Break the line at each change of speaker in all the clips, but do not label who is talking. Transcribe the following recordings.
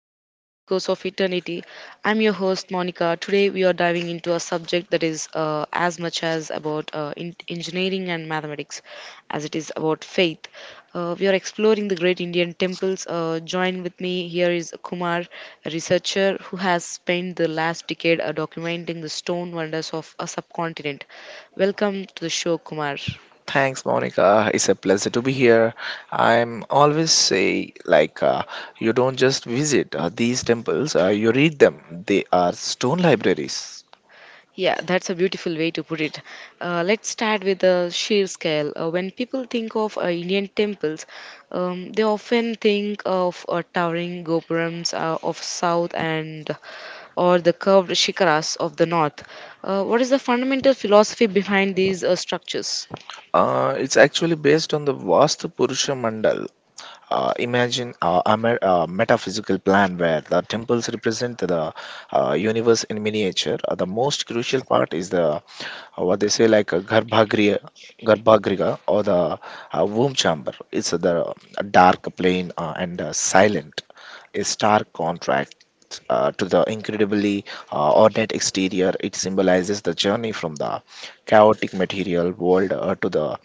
Welcome back to Echoes of Eternity. I'm your host, Monica. Today, we are diving into a subject that is as much as about engineering and mathematics as it is about faith. We are exploring the great Indian temples. Join with me here is Kumar, a researcher who has spent the last decade documenting the stone wonders of a subcontinent. Welcome to the show, Kumar.
Thanks, Monica. It's a pleasure to be here. I'm always say you don't just visit these temples; you read them. They are stone libraries.
Yeah, that's a beautiful way to put it. Let's start with the sheer scale. When people think of Indian temples, they often think of towering gopurams of south and or the curved shikharas of the north. What is the fundamental philosophy behind these structures?
It's actually based on the Vastu Purusha Mandal. Imagine a metaphysical plan where the temples represent the universe in miniature. The most crucial part is the what they say like a Garbhagriha or the womb chamber. It's the dark plane and silent, a stark contract. To the incredibly ornate exterior, it symbolizes the journey from the chaotic material world to the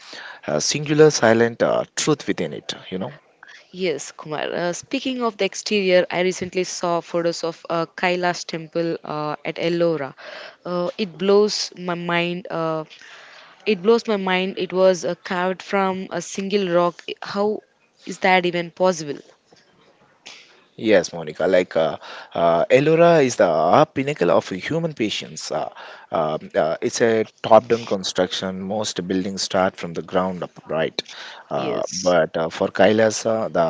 singular silent truth within it.
Yes, Kumar. Speaking of the exterior, I recently saw photos of Kailash temple at Ellora. Uh, it blows my mind. Uh, It blows my mind. It was carved from a single rock. How is that even possible?
Yes, Monica, elora is the pinnacle of human patience. It's a top-down construction. Most buildings start from the ground up, right?
Yes.
But for Kailasa, the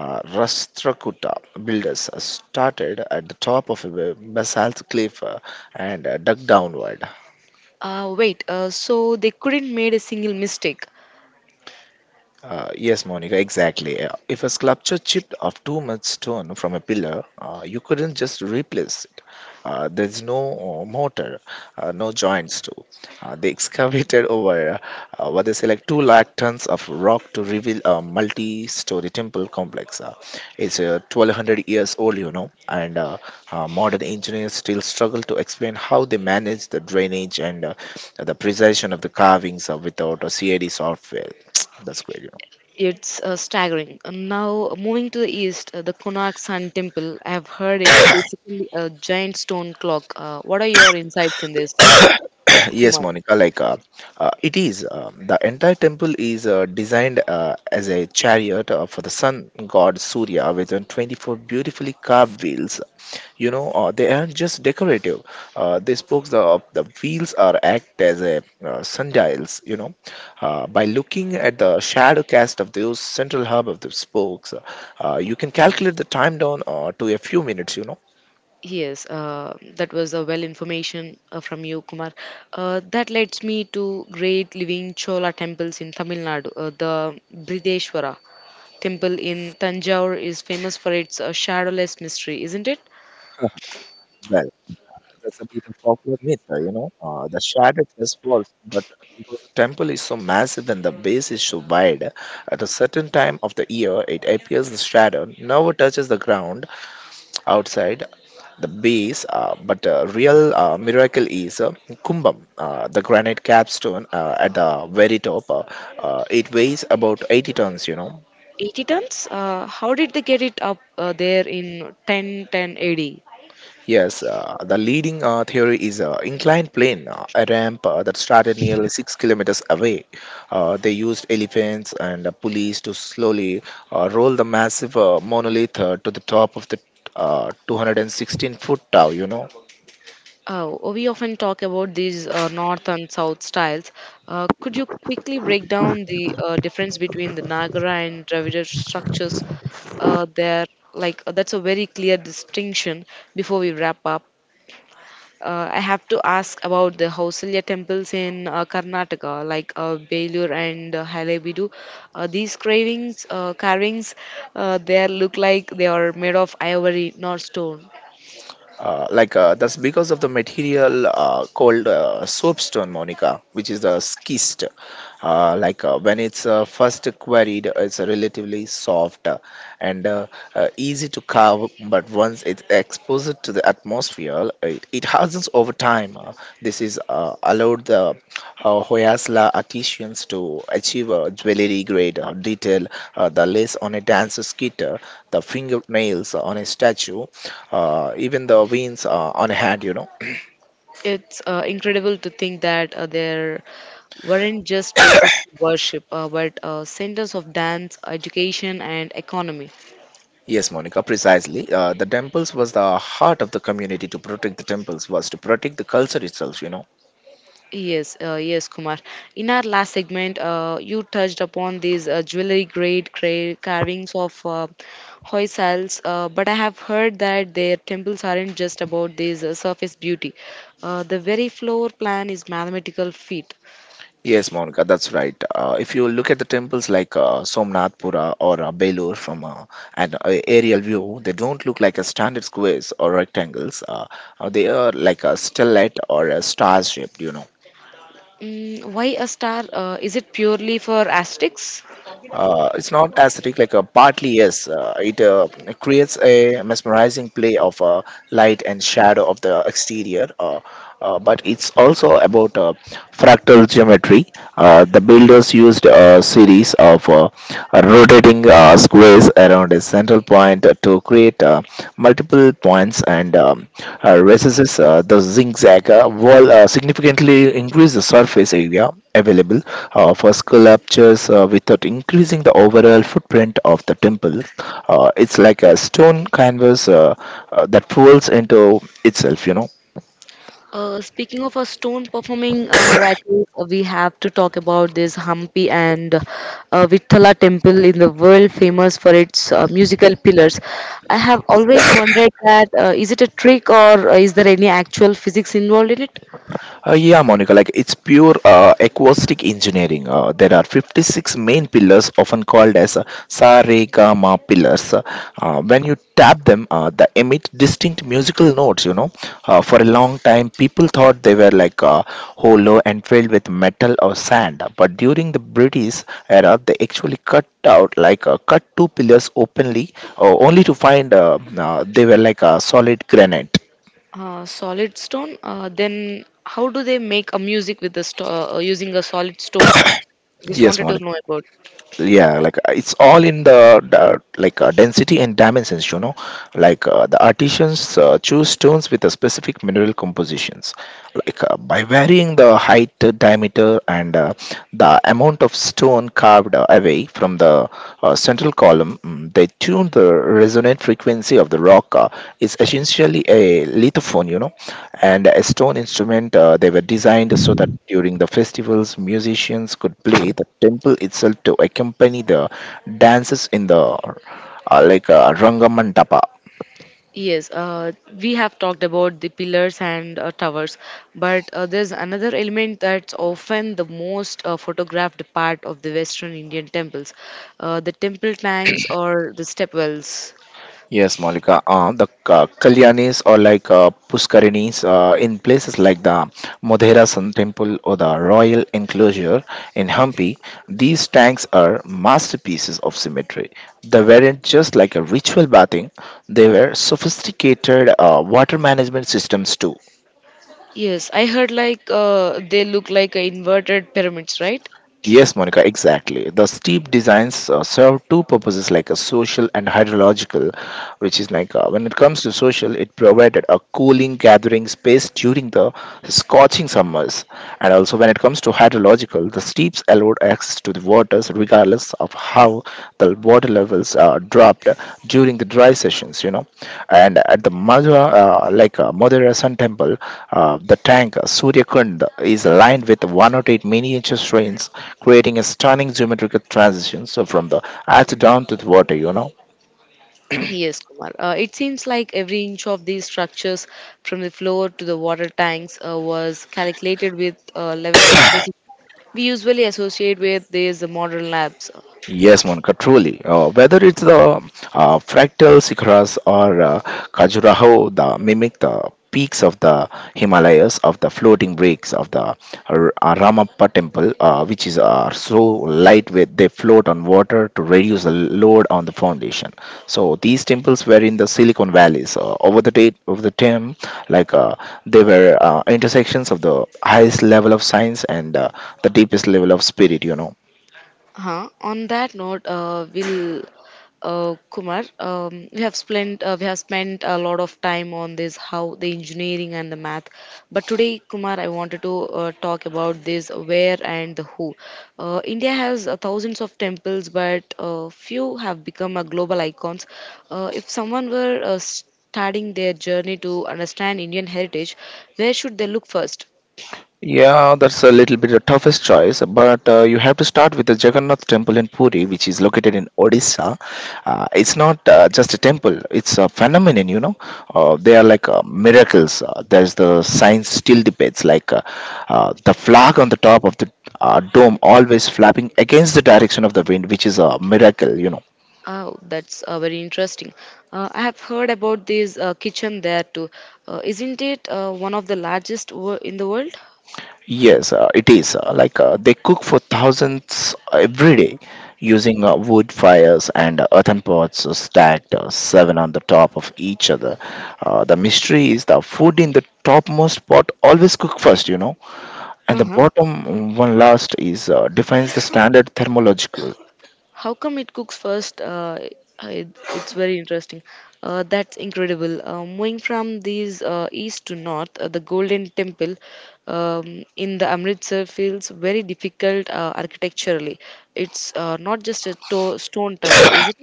rastrakuta builders started at the top of a basalt cliff and dug downward.
Wait, so they couldn't made a single mistake.
Yes, Monica, exactly. If a sculpture chipped off too much stone from a pillar, you couldn't just replace it. There's no mortar, no joints too. They excavated over what they say like two lakh tons of rock to reveal a multi-story temple complex. It's 1200 years old, you know, and modern engineers still struggle to explain how they manage the drainage and the precision of the carvings without a CAD software. That's great.
It's staggering. Now, moving to the east, the Konark Sun Temple. I have heard it's basically a giant stone clock. What are your insights in this,
Yes,
Kumar?
Monica, it is. The entire temple is designed as a chariot for the sun god Surya with 24 beautifully carved wheels. You know, they aren't just decorative. They spoke the, of the wheels are act as a sundials, you know. By looking at the shadow cast of those central hub of the spokes, you can calculate the time down to a few minutes, you know.
Yes, that was a well information from you, Kumar. That leads me to great living Chola temples in Tamil Nadu, the Brideshwara. Temple in Tanjore is famous for its shadowless mystery, isn't it?
Mhm. That's a big popular myth, you know. The shattered is false, but because the temple is so massive and the base is so wide, at a certain time of the year, it appears the shadow never touches the ground outside the base. But the real miracle is Kumbham, the granite capstone at the very top. It weighs about 80 tons, you know.
80 tons? How did they get it up there in 1010 AD?
Yes, the leading theory is inclined plane, a ramp that started nearly 6 kilometers away. They used elephants and pulleys to slowly roll the massive monolith to the top of the 216-foot tower, you know.
Oh, we often talk about these north and south styles. Could you quickly break down the difference between the Nagara and Dravidian structures? Uh, there, like that's a very clear distinction. Before we wrap up, I have to ask about the Hausalya temples in Karnataka, like Belur and Halebidu. Carvings, they look like they are made of ivory, not stone.
That's because of the material called soapstone, Monica, which is a schist. When it's first quarried, it's relatively soft, and easy to carve, but once it's exposed to the atmosphere, it hardens over time. This is allowed the who has la artisans to achieve a jewelry grade detail, the lace on a dancer's guitar, the fingernails on a statue, even the veins on a hand, you know.
It's incredible to think that there weren't just places to worship, but centers of dance, education, and economy.
Yes, Monica, precisely. The temples was the heart of the community. To protect the temples was to protect the culture itself, you know.
Yes, yes, Kumar. In our last segment, you touched upon these jewelry grade carvings of Hoysals, but I have heard that their temples aren't just about this surface beauty. The very floor plan is mathematical feat.
Yes, Monica, that's right. If you look at the temples like Somnathpura or Belur from an aerial view, they don't look like a standard squares or rectangles. They are like a stellate or a star shaped, you know.
Mm, why a star? Is it purely for aesthetics?
It's not aesthetic, like a partly yes. It creates a mesmerizing play of light and shadow of the exterior, but it's also about fractal geometry. The builders used a series of rotating squares around a central point to create multiple points and recesses. The zigzag wall significantly increase the surface area available for sculptures without increasing the overall footprint of the temple. It's like a stone canvas that folds into itself, you know.
Speaking of a stone performing miracles, we have to talk about this Hampi and Vittala temple in the world famous for its musical pillars. I have always wondered that is it a trick or is there any actual physics involved in it?
Yeah, Monica, like it's pure acoustic engineering. There are 56 main pillars, often called as sa re ga ma pillars. When you tap them, they emit distinct musical notes, you know. For a long time, people thought they were hollow and filled with metal or sand. But during the British era, they actually cut out cut two pillars openly, only to find they were solid granite.
Solid stone. Then how do they make a music with the sto- using a solid stone? Just
Yes,
wanted to
Monica.
know about.
It's all in the density and dimensions, you know. The artisans choose stones with a specific mineral compositions. By varying the height, diameter and the amount of stone carved away from the central column, they tune the resonant frequency of the rock. It's essentially a lithophone, you know, and a stone instrument. They were designed so that during the festivals, musicians could play the temple itself to accompany the dances in the Rangamantapa.
Yes, we have talked about the pillars and towers, but there's another element that's often the most photographed part of the Western Indian temples, the temple tanks or the stepwells.
Yes, Malika. The Kalyanis or Puskarinis in places like the Modhera Sun Temple or the Royal Enclosure in Hampi, these tanks are masterpieces of symmetry. They weren't just like a ritual bathing, they were sophisticated water management systems too.
Yes, I heard like they look like inverted pyramids, right?
Yes, Monica, exactly. The steep designs serve two purposes like a social and hydrological, which is when it comes to social, it provided a cooling gathering space during the scorching summers. And also, when it comes to hydrological, the steeps allowed access to the waters regardless of how the water levels dropped during the dry sessions, you know. And at the Madhura, Madhura Sun Temple, the tank Surya Kund is lined with 108 miniature strains, creating a stunning geometrical transition so from the earth down to the water, you know.
Yes, Kumar. It seems like every inch of these structures, from the floor to the water tanks, was calculated with a level of precision we usually associate with these modern labs.
Yes, Monica, truly. Whether it's the fractal Sikharas or Khajuraho, the mimic the peaks of the Himalayas, of the floating breaks of the Ramappa temple, which is are so lightweight they float on water to reduce the load on the foundation. So these temples were in the Silicon Valleys. Over the date of the time, like uh, they were intersections of the highest level of science and the deepest level of spirit. You know.
Huh. On that note, will Kumar, we have spent a lot of time on this how the engineering and the math. But today, Kumar, I wanted to talk about this where and the who. India has thousands of temples, but few have become a global icons. If someone were starting their journey to understand Indian heritage, where should they look first?
Yeah, that's a little bit the toughest choice, but you have to start with the Jagannath Temple in Puri, which is located in Odisha. It's not just a temple; it's a phenomenon. You know, they are miracles. There's the science still debates, the flag on the top of the dome always flapping against the direction of the wind, which is a miracle. You know.
Oh, that's very interesting. I have heard about this kitchen there too. Isn't it one of the largest in the world?
Yes, it is. They cook for thousands every day using wood fires and earthen pots stacked seven on the top of each other. The mystery is the food in the topmost pot always cook first, you know, and the
Uh-huh.
bottom one last is defines the standard thermological.
How come it cooks first? It, it's very interesting. That's incredible. Moving from these east to north, the Golden Temple in the Amritsar feels very difficult architecturally. It's not just a stone tower, is it?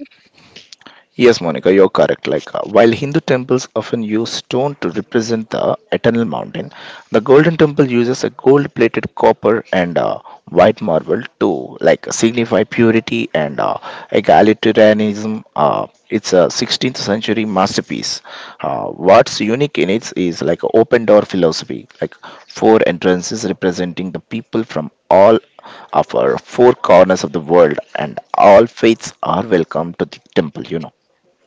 Yes, Monica, you're correct. While Hindu temples often use stone to represent the eternal mountain, the Golden Temple uses a gold-plated copper and white marble to like signify purity and egalitarianism. It's a 16th century masterpiece. What's unique in it is like a open door philosophy, like four entrances representing the people from all of our four corners of the world, and all faiths are welcome to the temple. You know.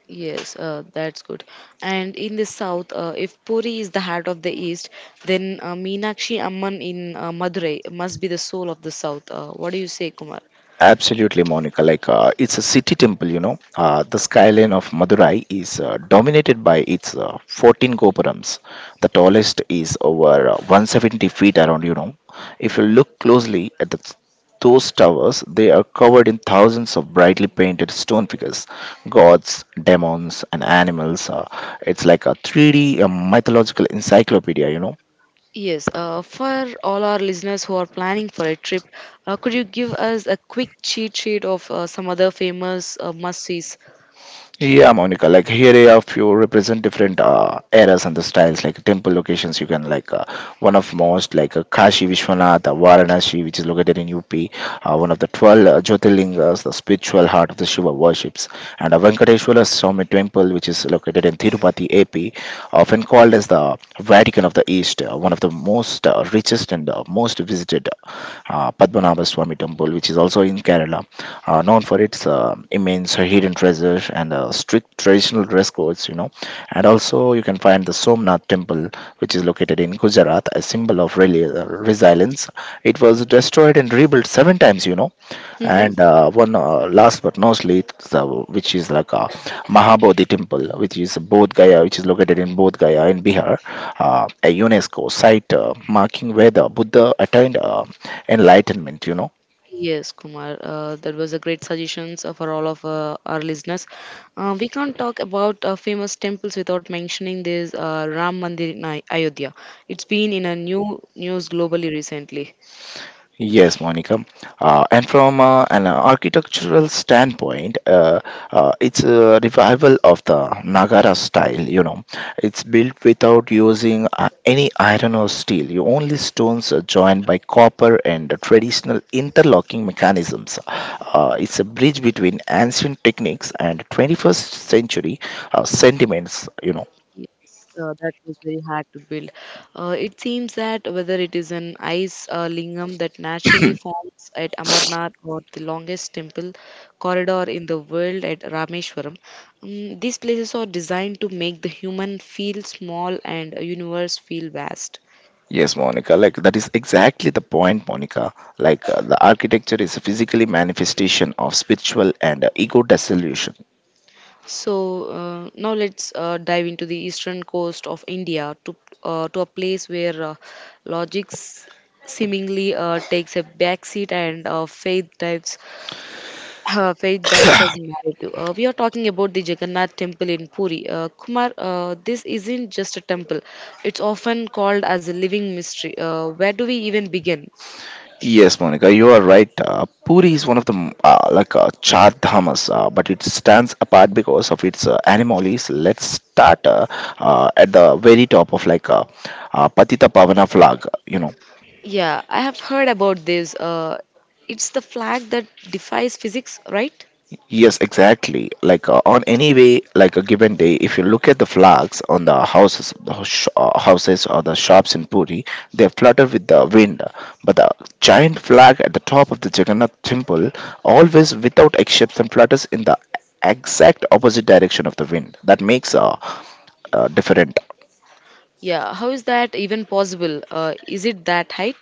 Yes, that's good. And in the south, if Puri is the heart of the east, then Meenakshi Amman in Madurai must be the soul of the south. What do you say, Kumar?
Absolutely, Monica. It's a city temple, you know. The skyline of Madurai is dominated by its 14 gopurams. The tallest is over 170 feet around, you know. If you look closely at those towers, they are covered in thousands of brightly painted stone figures, gods, demons, and animals. It's like a 3D mythological encyclopedia, you know.
Yes, for all our listeners who are planning for a trip, could you give us a quick cheat sheet of some other famous must-sees?
Yeah, Monica, like here a few represent different eras and the styles, like temple locations. You can one of most Kashi Vishwanath, Varanasi, which is located in UP, one of the 12 Jyotirlingas, the spiritual heart of the Shiva worships, and a Venkateshwara Swami temple, which is located in Tirupati, AP, often called as the Vatican of the East, one of the most richest and most visited Padmanabha Swami temple, which is also in Kerala, known for its immense hidden treasures and strict traditional dress codes, you know. And also, you can find the Somnath temple, which is located in Gujarat, a symbol of resilience. It was destroyed and rebuilt seven times, and
Mm-hmm.
one last but not least, which is like a Mahabodhi temple, which is Bodh Gaya, which is located in Bodh Gaya in Bihar, a UNESCO site, marking where the Buddha attained enlightenment.
Yes, Kumar, that was a great suggestions for all of our listeners. We can't talk about famous temples without mentioning this Ram Mandir in Ayodhya. It's been in a new news globally recently.
Yes, Monica. And from an architectural standpoint, it's a revival of the Nagara style. It's built without using any iron or steel. You only stones are joined by copper and traditional interlocking mechanisms. It's a bridge between ancient techniques and 21st century sentiments.
Yes, that was very hard to build. It seems that whether it is an ice lingam that naturally forms at Amarnath or the longest temple corridor in the world at Rameshwaram, these places are designed to make the human feel small and the universe feel vast.
Yes, Monica, like that is exactly the point, Monica. Like the architecture is a physically manifestation of spiritual and ego dissolution.
So now let's dive into the eastern coast of India to a place where logic seemingly takes a backseat and faith dives as narrative. We are talking about the Jagannath temple in Puri. Kumar, this isn't just a temple, it's often called as a living mystery. Where do we even begin?
Yes, Monica, you are right. Puri is one of the like char dhamas, but it stands apart because of its animalies. Let's start at the very top of like Patita Pavana flag.
Yeah, I have heard about this. It's the flag that defies physics, right?
Yes, exactly. Like on any way, like a given day, if you look at the flags on the houses, the houses or the shops in Puri, they flutter with the wind. But the giant flag at the top of the Jagannath temple, always without exception, flutters in the exact opposite direction of the wind. That makes different.
Yeah, how is that even possible? Is it that height?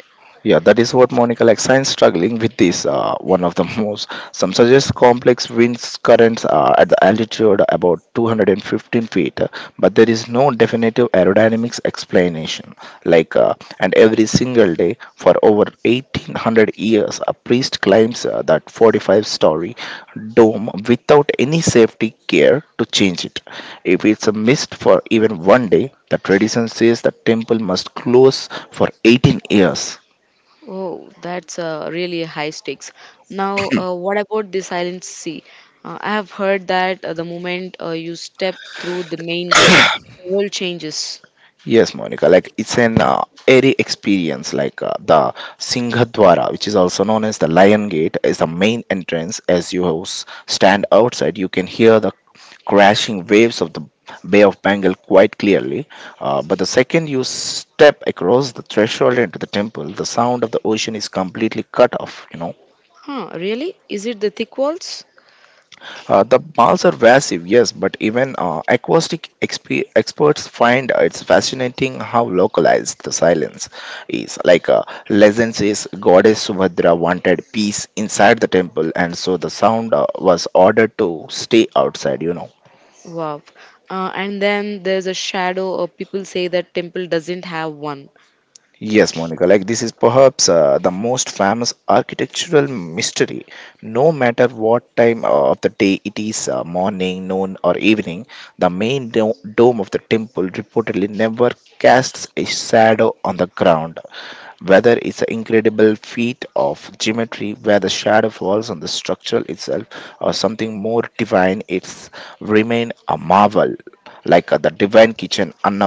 Yeah, that is what Monica like science struggling with is one of the most. Some suggest complex winds currents are at the altitude about 215 feet, but there is no definitive aerodynamics explanation. Like, and every single day for over 1800 years, a priest climbs that 45-story dome without any safety care to change it. If it's a missed for even one day, the tradition says the temple must close for 18 years.
Oh, that's really high stakes. Now, what about the Silent Sea? I have heard that the moment you step through the main gate, the world changes.
Yes, Monica, like it's an airy experience. Like the Singhdwara, which is also known as the Lion Gate, is the main entrance. As you stand outside, you can hear the crashing waves of the Bay of Bengal quite clearly. But the second you step across the threshold into the temple, the sound of the ocean is completely cut off.
Huh, really? Is it the thick walls?
The malls are massive, yes, but even acoustic experts find it's fascinating how localized the silence is. Like legend says, Goddess Subhadra wanted peace inside the temple, and so the sound was ordered to stay outside.
Wow. And then there's a shadow, or people say that temple doesn't have one.
Yes, Monica, like this is perhaps the most famous architectural mystery. No matter what time of the day it is, morning, noon, or evening, the main dome of the temple reportedly never casts a shadow on the ground. Whether it's an incredible feat of geometry where the shadow falls on the structure itself or something more divine, it's remain a marvel like the divine kitchen Anna.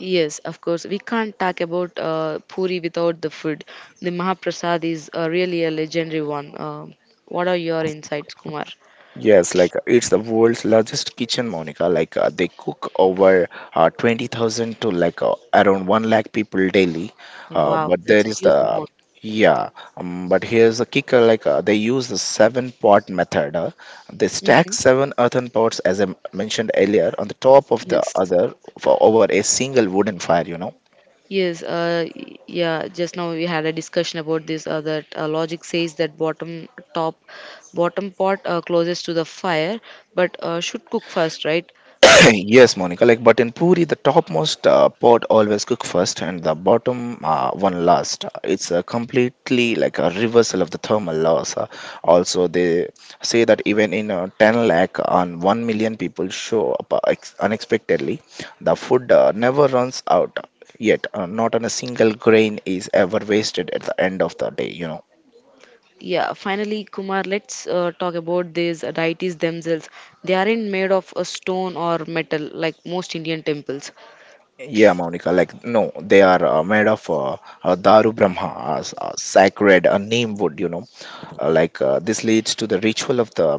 Yes, of course. We can't talk about Puri without the food. The Mahaprasad is really a legendary one. What are your insights, Kumar?
Yes, like it's the world's largest kitchen, Monica. Like they cook over 20,000 to like around 1 lakh people daily. Uh,
Wow,
but there
that's a
is
huge amount.
yeah, but here's the kicker like they use the seven pot method. They stack
Mm-hmm.
seven earthen pots, as I mentioned earlier, on the top of the
Yes,
other for over a single wooden fire.
yes, uh, y- yeah. Just now we had a discussion about this. That logic says that top, bottom pot closest to the fire, but should cook first, right?
Yes, Monica. Like, but in Puri, the topmost pot always cook first, and the bottom one last. It's completely like a reversal of the thermal laws. Also, they say that even in 10 lakh and 1 million people show up unexpectedly, the food never runs out. Yet, not on a single grain is ever wasted at the end of the day.
Yeah. Finally, Kumar, let's talk about these deities themselves. They aren't made of a stone or metal like most Indian temples.
Yeah, Monica, like, no, they are made of Daru Brahma, sacred neem wood. Like this leads to the ritual of the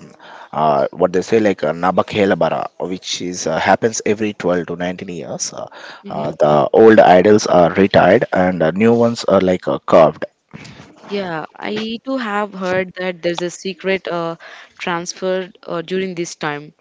what they say like Nabakhelabara, which is happens every 12 to 19 years. Uh, uh,
Hmm.
the old idols are retired and new ones are like carved.
Yeah, I too have heard that there's a secret transfer during this time.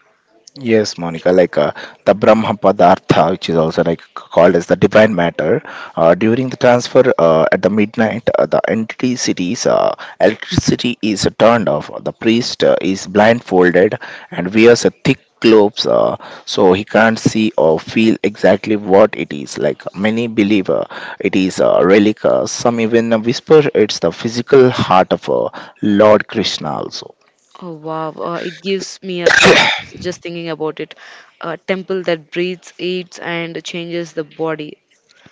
Yes, Monica, like the Brahma Padartha, which is also like called as the divine matter, during the transfer at the midnight, the entity cities, electricity is turned off. The priest is blindfolded and wears a thick clothes, so he can't see or feel exactly what it is. Like many believe, it is a relic. Some even whisper it's the physical heart of Lord Krishna also.
Oh wow, it gives me a goosebumps just thinking about it. A temple that breathes, eats, and changes the body.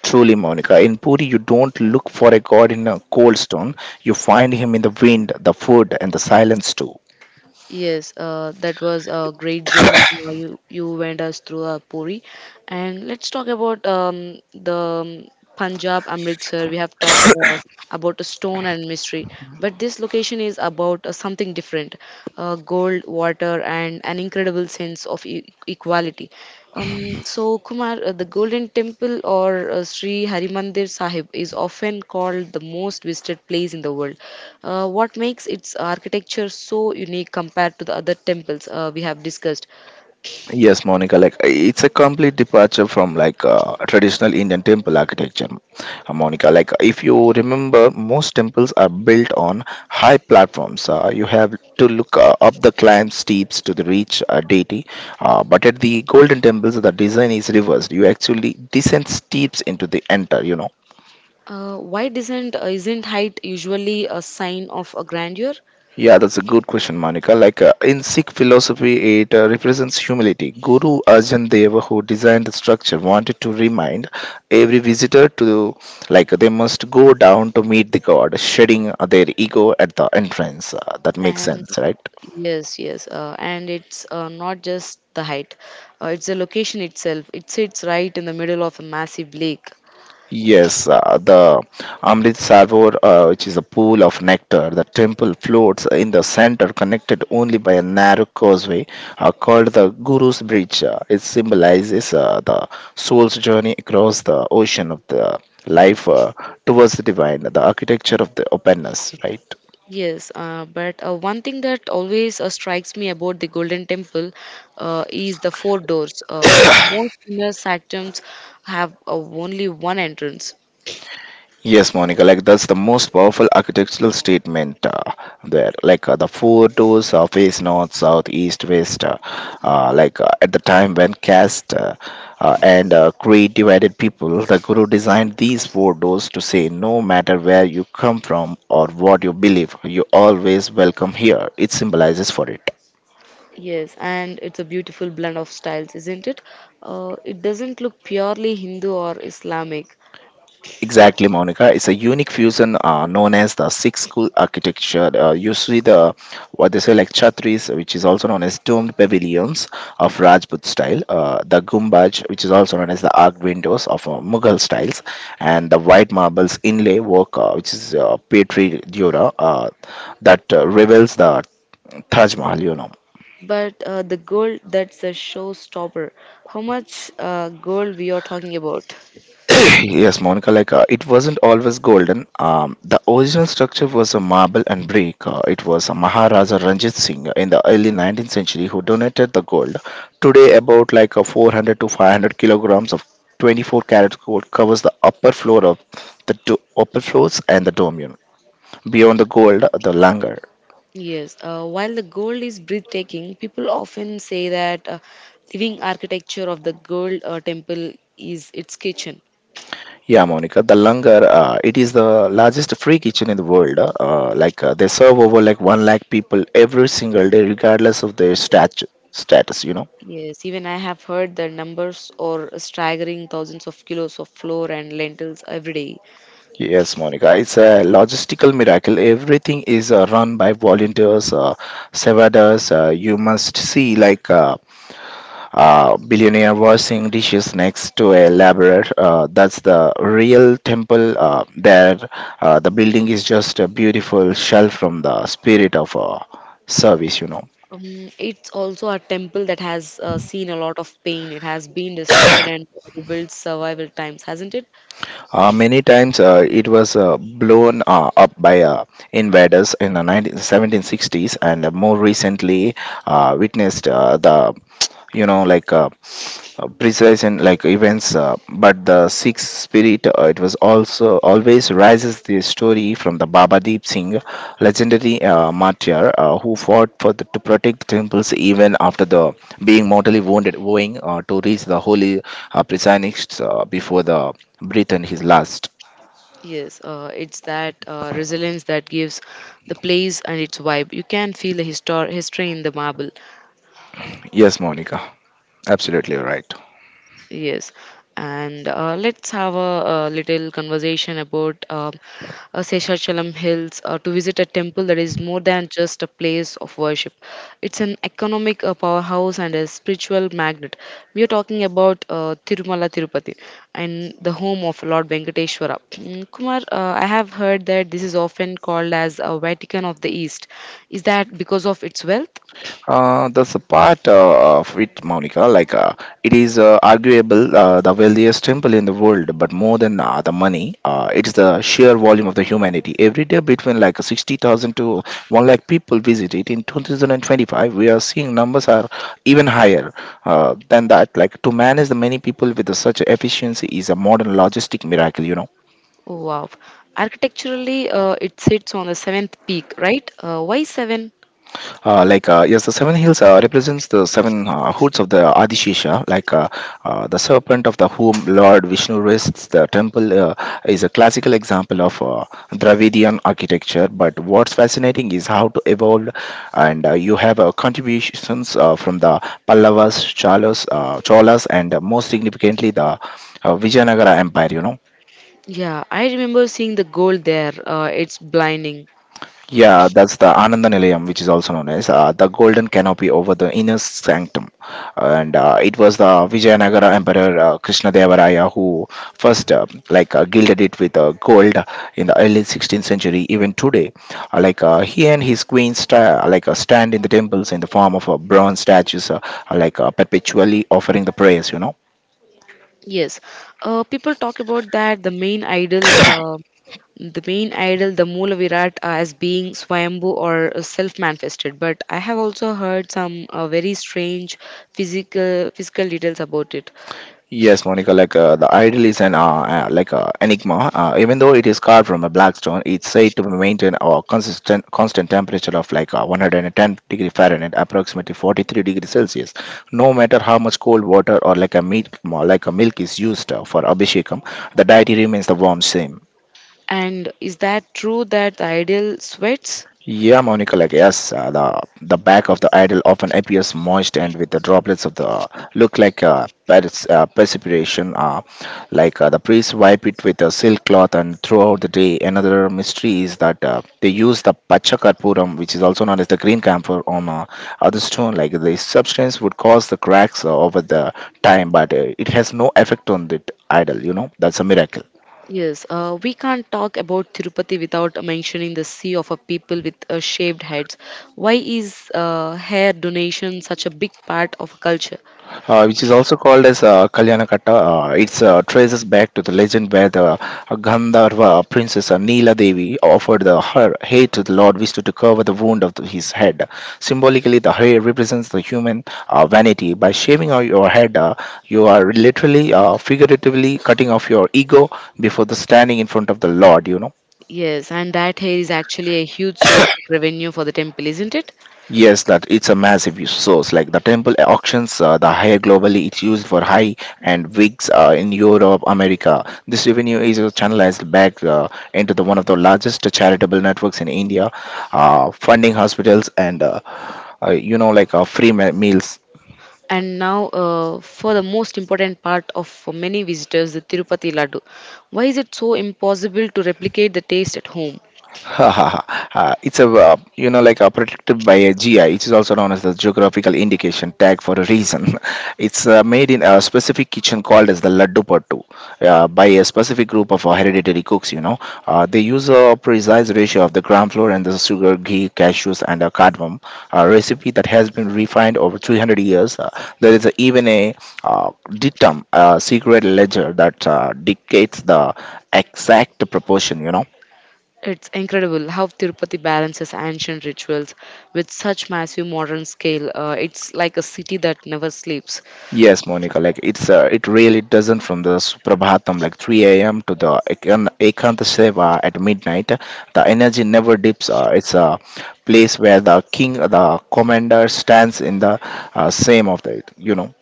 Truly, Monica, in Puri, you don't look for a god in a cold stone. You find him in the wind, the food, and the silence too.
Yes, that was a great journey you went us through Puri, and let's talk about the Punjab Amritsar. We have talked about a stone and mystery, but this location is about something different: gold, water, and an incredible sense of e equality. So, Kumar, the Golden Temple or Sri Harimandir Sahib is often called the most visited place in the world. What makes its architecture so unique compared to the other temples we have discussed?
Yes, Monica, like it's a complete departure from like traditional Indian temple architecture. Monica, like if you remember, most temples are built on high platforms. You have to look up the climb steeps to the reach a deity. But at the golden temples, the design is reversed. You actually descend steeps into the enter.
Why doesn't isn't height usually a sign of a grandeur?
Yeah, that's a good question, Monica. Like in Sikh philosophy, it represents humility. Guru Arjan Dev, who designed the structure, wanted to remind every visitor to like they must go down to meet the God, shedding their ego at the entrance. That makes
And
sense, right?
yes, and it's not just the height; it's the location itself. It sits right in the middle of a massive lake.
Yes, the Amrit Sarovar, which is a pool of nectar. The temple floats in the center, connected only by a narrow causeway called the Guru's Bridge. It symbolizes the soul's journey across the ocean of the life towards the divine, the architecture of the openness, right?
Yes, but one thing that always strikes me about the Golden Temple is the four doors. Most inner sanctums have only one entrance,
Yes, Monica, like that's the most powerful architectural statement there. Like the four doors of east, north, south, east, west. Like at the time when caste and creed divided people, the Guru designed these four doors to say, no matter where you come from or what you believe, you always welcome here. It symbolizes for it.
Yes, and it's a beautiful blend of styles, isn't it? It doesn't look purely Hindu or Islamic,
Exactly, Monica. It's a unique fusion known as the six school architecture. You see the what they say like chhatris, which is also known as domed pavilions of Rajput style, the gumbaj, which is also known as the arc windows of Mughal styles, and the white marbles inlay work, which is Petri Dura, that reveals the Taj Mahal.
but the gold that's a showstopper. How much gold we are talking about?
Yes, Monica, like it wasn't always golden. The original structure was a marble and brick. It was a Maharaja Ranjit Singh in the early 19th century who donated the gold. Today, about like a 400 to 500 kilograms of 24 karat gold covers the upper floor of the upper floors and the dome. Beyond the gold, the langar.
Yes, while the gold is breathtaking, people often say that living architecture of the gold temple is its kitchen.
Yeah, Monica, the langar, it is the largest free kitchen in the world. They serve over like one lakh people every single day, regardless of their status.
Yes, even I have heard the numbers or staggering thousands of kilos of flour and lentils every day.
Yes, Monica, it's a logistical miracle. Everything is run by volunteers, stewardess. You must see like. Billionaire washing dishes next to a laborer. That's the real temple there. The building is just a beautiful shell from the spirit of service.
It's also a temple that has seen a lot of pain. It has been destroyed and rebuilt survival times, hasn't it?
Many times it was blown up by invaders in the 19, 1760s and more recently witnessed the like precise in like events but the Sikh spirit it was also always rises the story from the Baba Deep Singh legendary martyr who fought for to protect the temples even after the being mortally wounded owing to reach the holy precincts before the breath and his last.
Yes, it's that resilience that gives the place and its vibe. You can feel the history in the marble.
Yes, Monica, absolutely right.
Yes, and let's have a, little conversation about Seshachalam Hills to visit a temple that is more than just a place of worship. It's an economic powerhouse and a spiritual magnet. We are talking about Tirumala Tirupati and the home of Lord Venkateshwara. Mm, Kumar, I have heard that this is often called as a Vatican of the East. Is that because of its wealth?
There's a part of it, Monica. Like it is arguable the wealthiest temple in the world, but more than the money, it's the sheer volume of the humanity. Every day, between like 60,000 to one lakh people visit it. In 2025, we are seeing numbers are even higher than that. Like to manage the many people with such efficiency is a modern logistic miracle.
Oh, wow. Architecturally, it sits on the seventh peak, right? Why seven?
Yes, the seven hills represents the seven hoods of the Adishesha, like the serpent of the whom Lord Vishnu rests. The temple is a classical example of Dravidian architecture. But what's fascinating is how to evolve, and you have contributions from the Pallavas, Chalas, Cholas, and most significantly the Vijayanagara Empire.
Yeah, I remember seeing the gold there. It's blinding.
Yeah, that's the Ananda Nilayam, which is also known as the golden canopy over the inner sanctum. And it was the Vijayanagara Emperor Krishnadevaraya who first gilded it with gold in the early 16th century. Even today, he and his queen stand in the temples in the form of bronze statues, perpetually offering the prayers.
Yes, people talk about that the main idol, the Moola Virat, as being Swayambhu or self-manifested. But I have also heard some very strange physical details about it.
Yes, Monica, like the idol is an enigma. Even though it is carved from a black stone, it's said to maintain a consistent constant temperature of like 110-degree Fahrenheit, approximately 43 degrees Celsius. No matter how much cold water or like a milk is used for abhishekam, the deity remains the warm same.
And is that true that the idol sweats?
Yeah, Monica, like yes, the back of the idol often appears moist and with the droplets of the look like precipitation. The priests wipe it with a silk cloth, and throughout the day, another mystery is that they use the pacha karpuram, which is also known as the green camphor, on other stone. Like the substance would cause the cracks over the time, but it has no effect on the idol. You know, that's a miracle.
Yes, we can't talk about Tirupati without mentioning the sea of a people with shaved heads. Why is hair donation such a big part of culture?
Which is also called as Kalyanakata. It's traces back to the legend where the Gandharva princess Neela Devi offered her hair to the Lord Vishnu to cover the wound of his head. Symbolically, the hair represents the human vanity. By shaving off your head, you are literally, figuratively cutting off your ego before the standing in front of the Lord.
Yes, and that hair is actually a huge source of revenue for the temple, isn't it?
Yes, that it's a massive resource. Like the temple auctions, the higher globally, it's used for high and wigs in Europe, America. This revenue is channelized back into the one of the largest charitable networks in India, funding hospitals and like free meals.
And now, for the most important part of for many visitors, the Tirupati Laddu. Why is it so impossible to replicate the taste at home?
Ha, ha, ha. It's a like a protected by a GI, which is also known as the geographical indication tag for a reason. It's made in a specific kitchen called as the laddu pattu by a specific group of hereditary cooks. They use a precise ratio of the gram flour and the sugar, ghee, cashews, and cardamom. A recipe that has been refined over 300 years. There is even a uh, datum, a secret ledger that dictates the exact proportion.
It's incredible how Tirupati balances ancient rituals with such massive modern scale. It's like a city that never sleeps.
Yes, Monica, like it really doesn't from the Suprabhatam like 3 a.m. to the Ekanta Seva at midnight. The energy never dips. It's a place where the king, the commander, stands in the same of the.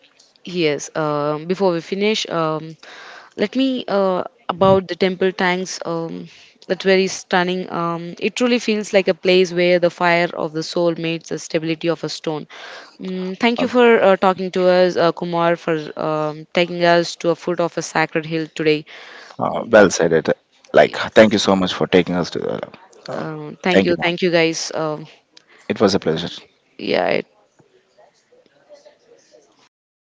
Yes, before we finish, let me about the temple tanks. That's very stunning. It truly feels like a place where the fire of the soul meets the stability of a stone. Mm, thank
Uh,
you for talking to us, Kumar, for taking us to a foot of a sacred hill today.
well said it. Like, thank you so much for taking us to the. Uh,
Um, thank
thank
you,
you, Monica.
thank you, guys.
It was a pleasure.
Yeah, it's